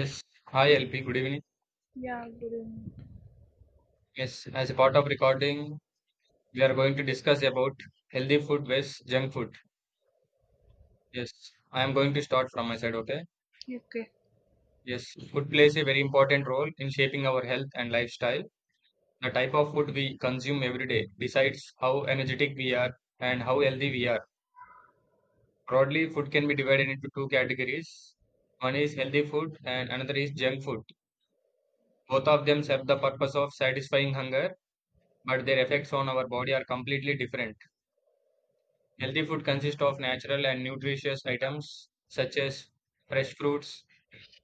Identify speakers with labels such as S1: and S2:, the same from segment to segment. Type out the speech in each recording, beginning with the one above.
S1: Yes. Hi LP, good evening.
S2: Yeah, good evening.
S1: Yes, as a part of recording, we are going to discuss about healthy food versus junk food. Yes, I am going to start from my side, okay?
S2: Okay.
S1: Yes, food plays a very important role in shaping our health and lifestyle. The type of food we consume every day decides how energetic we are and how healthy we are. Broadly, food can be divided into two categories. One is healthy food and another is junk food. Both of them serve the purpose of satisfying hunger, but their effects on our body are completely different. Healthy food consists of natural and nutritious items such as fresh fruits,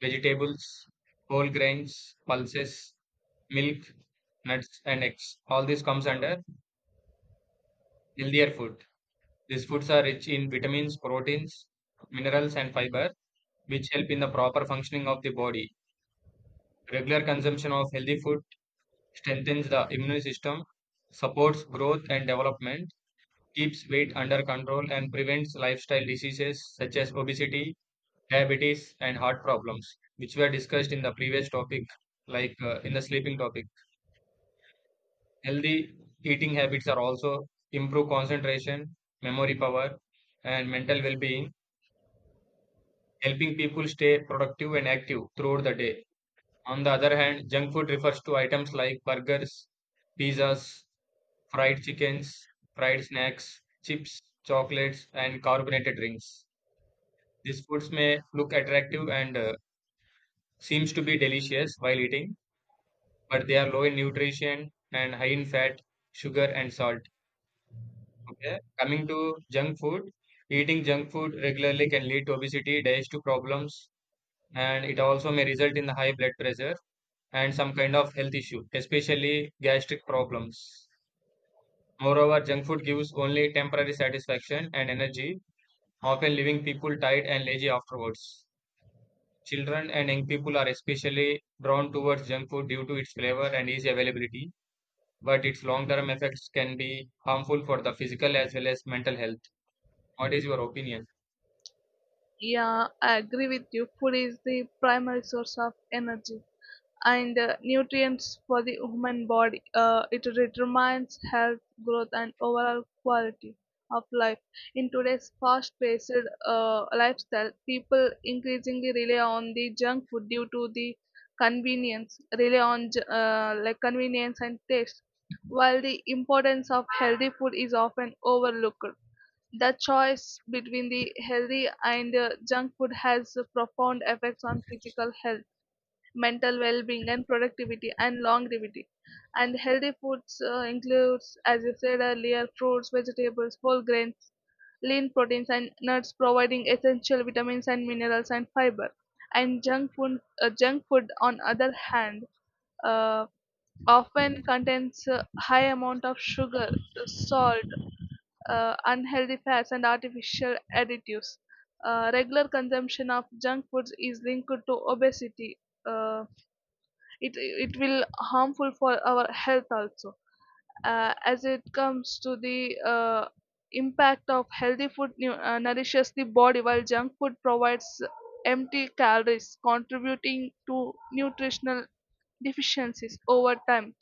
S1: vegetables, whole grains, pulses, milk, nuts, and eggs. All this comes under healthier food. These foods are rich in vitamins, proteins, minerals, and fiber, which help in the proper functioning of the body. Regular consumption of healthy food strengthens the immune system, supports growth and development, keeps weight under control, and prevents lifestyle diseases such as obesity, diabetes, and heart problems, which were discussed in the previous topic, like in the sleeping topic. Healthy eating habits are also improve concentration, memory power, and mental well-being, helping people stay productive and active throughout the day. On the other hand, junk food refers to items like burgers, pizzas, fried chickens, fried snacks, chips, chocolates, and carbonated drinks. These foods may look attractive and seems to be delicious while eating, but they are low in nutrition and high in fat, sugar, and salt. Okay. Coming to junk food, eating junk food regularly can lead to obesity, digestive problems, and it also may result in the high blood pressure and some kind of health issue, especially gastric problems. Moreover, junk food gives only temporary satisfaction and energy, often leaving people tired and lazy afterwards. Children and young people are especially drawn towards junk food due to its flavor and easy availability, but its long term effects can be harmful for the physical as well as mental health. What is your opinion?
S2: Yeah, I agree with you. Food is the primary source of energy and nutrients for the human body. It determines health, growth, and overall quality of life. In today's fast-paced lifestyle, people increasingly rely on the junk food due to the convenience, rely on like convenience and taste, while the importance of healthy food is often overlooked. The choice between the healthy and junk food has profound effects on physical health, mental well-being, and productivity and longevity. And healthy foods includes, as you said earlier, fruits, vegetables, whole grains, lean proteins, and nuts, providing essential vitamins and minerals and fiber. And junk food, junk food, on other hand, uh, often contains a high amount of sugar, salt, unhealthy fats, and artificial additives. Regular consumption of junk foods is linked to obesity. Uh, it will harmful for our health also. As it comes to the impact of healthy food nourishes the body while junk food provides empty calories contributing to nutritional deficiencies over time,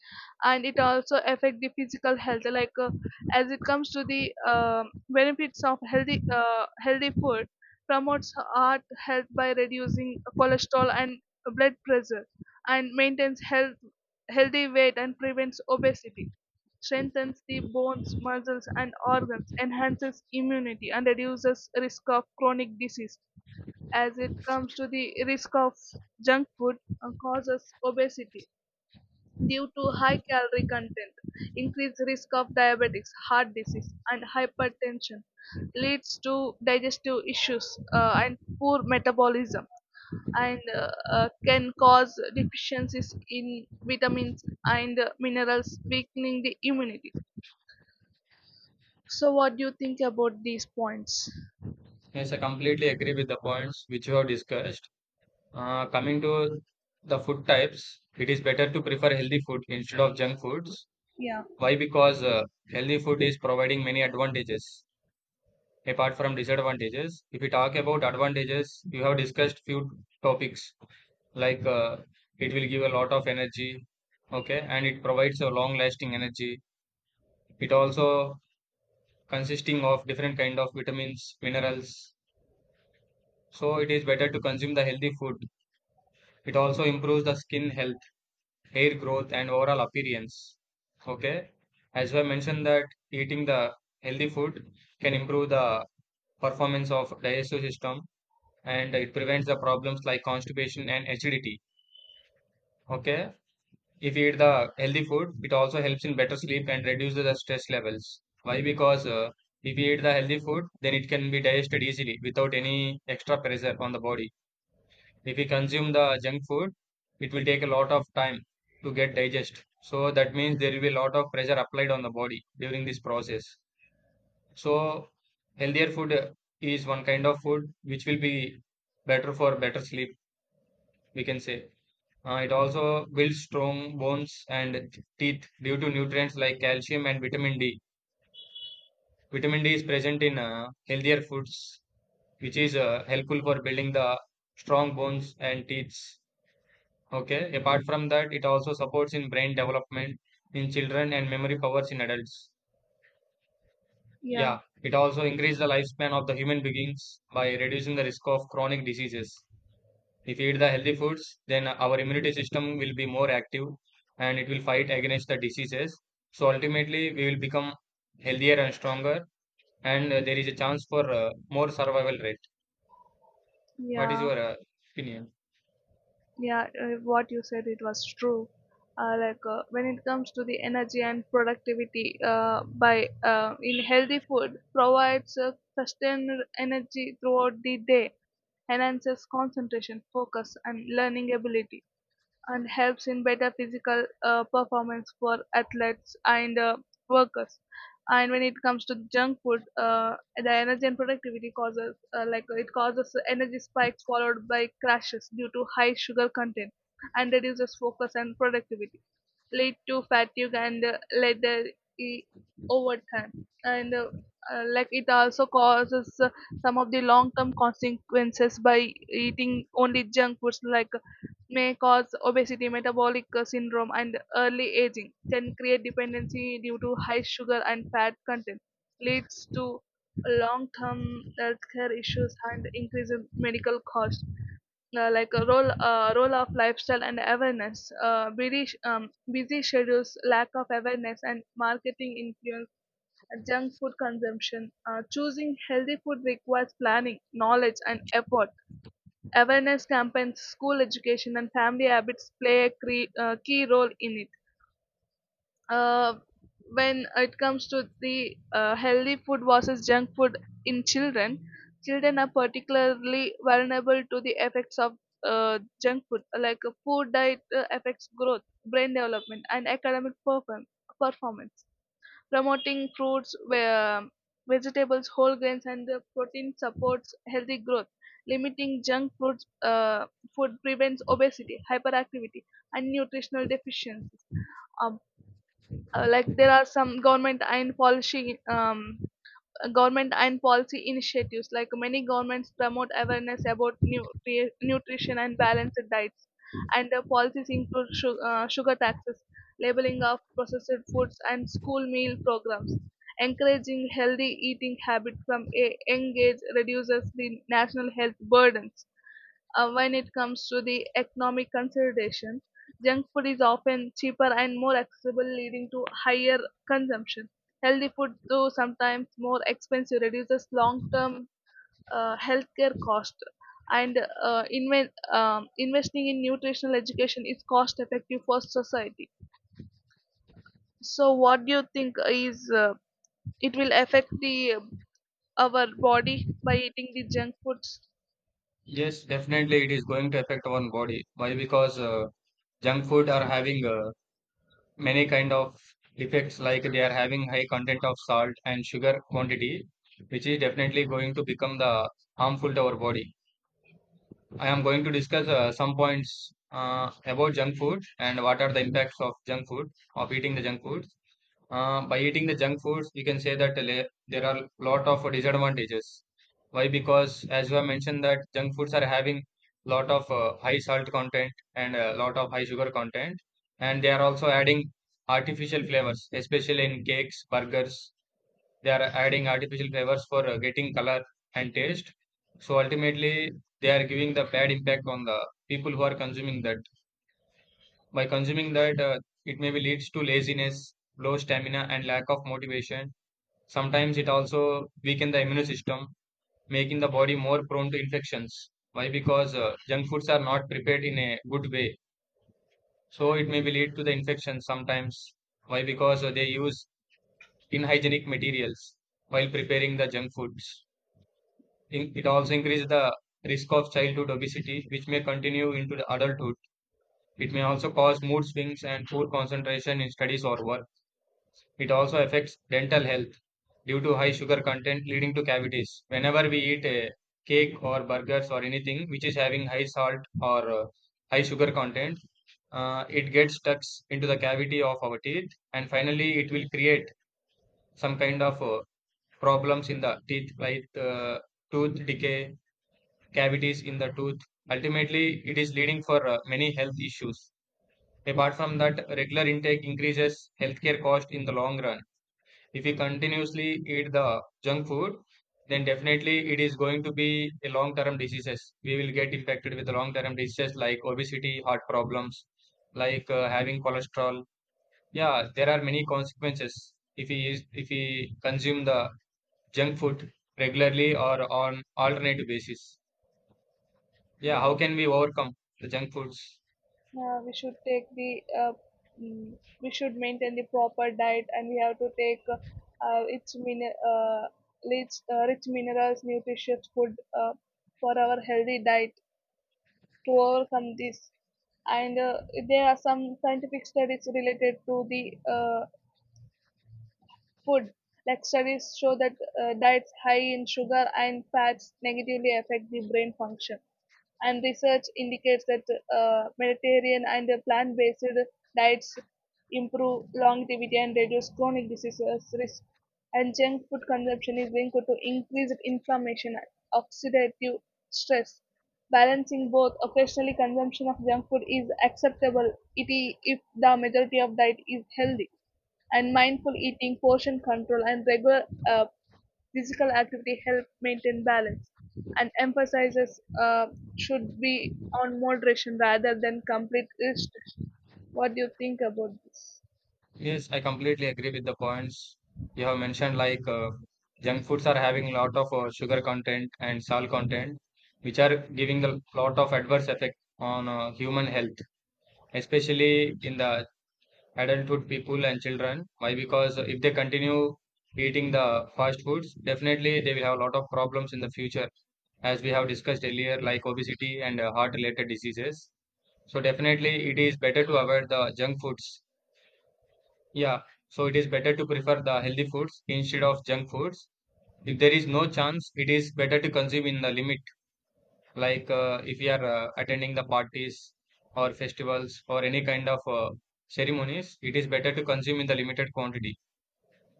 S2: and it also affect the physical health like as it comes to the benefits of healthy healthy food, promotes heart health by reducing cholesterol and blood pressure, and maintains healthy weight and prevents obesity, strengthens the bones, muscles, and organs, enhances immunity, and reduces risk of chronic disease. As it comes to the risk of junk food, causes obesity due to high calorie content, increased risk of diabetics, heart disease, and hypertension, leads to digestive issues, and poor metabolism, and can cause deficiencies in vitamins and minerals, weakening the immunity. So, what do you think about these points?
S1: Yes, I completely agree with the points which you have discussed. Coming to the food types, it is better to prefer healthy food instead of junk foods. Why? Because healthy food is providing many advantages apart from disadvantages. If we talk about advantages, you have discussed few topics like it will give a lot of energy, okay, and it provides a long lasting energy. It also consisting of different kind of vitamins, minerals. So it is better to consume the healthy food. It also improves the skin health, hair growth, and overall appearance. Okay. As I mentioned that eating the healthy food can improve the performance of digestive system and it prevents the problems like constipation and acidity. Okay. If you eat the healthy food, it also helps in better sleep and reduces the stress levels. Why? Because if you eat the healthy food, then it can be digested easily without any extra pressure on the body. If you consume the junk food, it will take a lot of time to get digest. So that means there will be a lot of pressure applied on the body during this process. So healthier food is one kind of food which will be better for better sleep, we can say. It also builds strong bones and teeth due to nutrients like calcium and vitamin D. Vitamin D is present in healthier foods, which is helpful for building the strong bones and teeth. Okay. Apart from that, it also supports in brain development in children and memory powers in adults.
S2: Yeah,
S1: Yeah. It also increases the lifespan of the human beings by reducing the risk of chronic diseases. If we eat the healthy foods, then our immunity system will be more active and it will fight against the diseases. So ultimately, we will become healthier and stronger, and there is a chance for more survival rate. What is
S2: yeah.
S1: your opinion?
S2: Yeah, what you said, it was true. When it comes to the energy and productivity, by in healthy food provides sustained energy throughout the day, enhances concentration, focus, and learning ability, and helps in better physical performance for athletes and workers. And when it comes to junk food, the energy and productivity causes like it causes energy spikes followed by crashes due to high sugar content, and reduces focus and productivity, lead to fatigue and leather e- over time. And like it also causes some of the long term consequences by eating only junk foods like may cause obesity, metabolic syndrome, and early aging. Can create dependency due to high sugar and fat content. Leads to long term healthcare issues and increased medical costs, like a role of lifestyle and awareness, busy schedules, lack of awareness, and marketing influence, junk food consumption, choosing healthy food requires planning, knowledge, and effort. Awareness campaigns, school education, and family habits play a key role in it. Uh, when it comes to the healthy food versus junk food in children, children are particularly vulnerable to the effects of junk food. Like a poor diet affects growth, brain development, and academic performance. Promoting fruits, vegetables, whole grains, and the protein supports healthy growth. Limiting junk foods, food prevents obesity, hyperactivity, and nutritional deficiencies. Um, like there are some government and policy initiatives, like many governments promote awareness about nutri- nutrition and balanced diets, and the policies include sugar taxes, labeling of processed foods, and school meal programs. Encouraging healthy eating habits from a young age reduces the national health burdens. When it comes to the economic consideration, junk food is often cheaper and more accessible, leading to higher consumption. Healthy food, though sometimes more expensive, reduces long-term healthcare cost. And investing in nutritional education is cost-effective for society. So, what do you think, is it will affect the our body by eating the junk foods?
S1: Yes, definitely, it is going to affect our body. Why? Because junk food are having many kind of effects, like they are having high content of salt and sugar quantity, which is definitely going to become the harmful to our body. I am going to discuss some points about junk food and what are the impacts of junk food, of eating the junk foods. By eating the junk foods, we can say that there are lot of disadvantages. Why? Because as you have mentioned that junk foods are having lot of high salt content and a lot of high sugar content, and they are also adding artificial flavors, especially in cakes, burgers, they are adding artificial flavors for getting color and taste. So ultimately, they are giving the bad impact on the people who are consuming that. By consuming that, it maybe leads to laziness, low stamina, and lack of motivation. Sometimes it also weaken the immune system, making the body more prone to infections. Why? Because junk foods are not prepared in a good way. So it may be lead to the infections sometimes. Why? Because they use inhygienic materials while preparing the junk foods. It also increases the risk of childhood obesity, which may continue into the adulthood. It may also cause mood swings and poor concentration in studies or work. It also affects dental health due to high sugar content, leading to cavities. Whenever we eat a cake or burgers or anything which is having high salt or high sugar content, it gets stuck into the cavity of our teeth, and finally, it will create some kind of problems in the teeth, like tooth decay cavities in the tooth. Ultimately, it is leading for many health issues. Apart from that, regular intake increases healthcare cost in the long run. If we continuously eat the junk food, then definitely it is going to be a long-term diseases. We will get infected with long-term diseases like obesity, heart problems, like having cholesterol. Yeah, there are many consequences if we consume the junk food regularly or on alternative basis. Yeah, how
S2: Yeah.
S1: can we overcome the junk foods?
S2: Yeah, we should take the mm, we should maintain the proper diet, and we have to take uh, its min- uh, rich, rich minerals, nutritious food for our healthy diet to overcome this. And there are some scientific studies related to the food, like studies show that diets high in sugar and fats negatively affect the brain function. And research indicates that Mediterranean and plant based diets improve longevity and reduce chronic diseases risk. And junk food consumption is linked to increased inflammation and oxidative stress. Balancing both, occasionally consumption of junk food is acceptable if the majority of diet is healthy, and mindful eating, portion control, and regular uh, physical activity help maintain balance. And emphasizes should be on moderation rather than complete restriction. What do you think about this?
S1: Yes, I completely agree with the points you have mentioned. Like junk foods are having a lot of sugar content and salt content, which are giving a lot of adverse effect on human health, especially in the adulthood people and children. Why? Because if they continue eating the fast foods, definitely they will have a lot of problems in the future, as we have discussed earlier, like obesity and heart-related diseases. So definitely it is better to avoid the junk foods. Yeah. So it is better to prefer the healthy foods instead of junk foods. If there is no chance, it is better to consume in the limit. Like if you are attending the parties or festivals or any kind of ceremonies, it is better to consume in the limited quantity.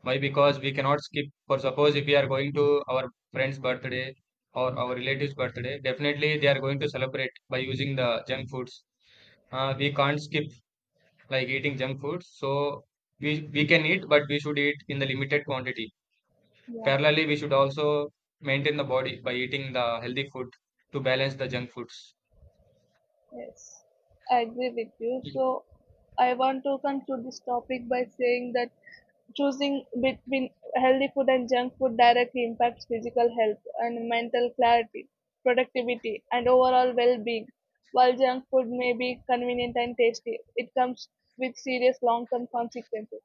S1: Why? Because we cannot skip. For suppose if we are going to our friend's birthday or our relative's birthday, definitely they are going to celebrate by using the junk foods. We can't skip like eating junk food. So we can eat, but we should eat in the limited quantity.
S2: Yeah.
S1: Parallelly, we should also maintain the body by eating the healthy food to balance the junk foods.
S2: Yes, I agree with you.
S1: Y-
S2: So, I want to come to this topic by saying that choosing between healthy food and junk food directly impacts physical health and mental clarity, productivity, and overall well being. While junk food may be convenient and tasty, it comes with serious long term consequences.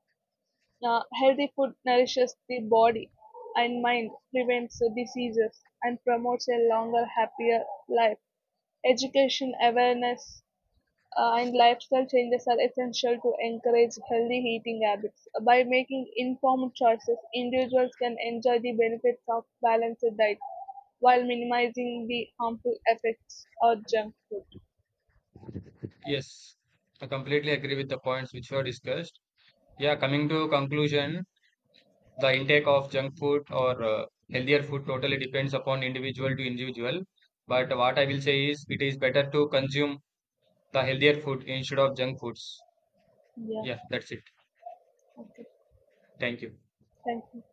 S2: Healthy food nourishes the body and mind, prevents diseases, and promotes a longer, happier life. Education, awareness, and lifestyle changes are essential to encourage healthy eating habits. By making informed choices, individuals can enjoy the benefits of balanced diet while minimizing the harmful effects of junk food.
S1: Yes, I completely agree with the points which were discussed. Yeah, coming to conclusion, the intake of junk food or healthier food totally depends upon individual to individual. But what I will say is, it is better to consume the healthier food instead of junk foods.
S2: Yeah,
S1: Yeah, that's it.
S2: okay,
S1: Thank you.
S2: thank you.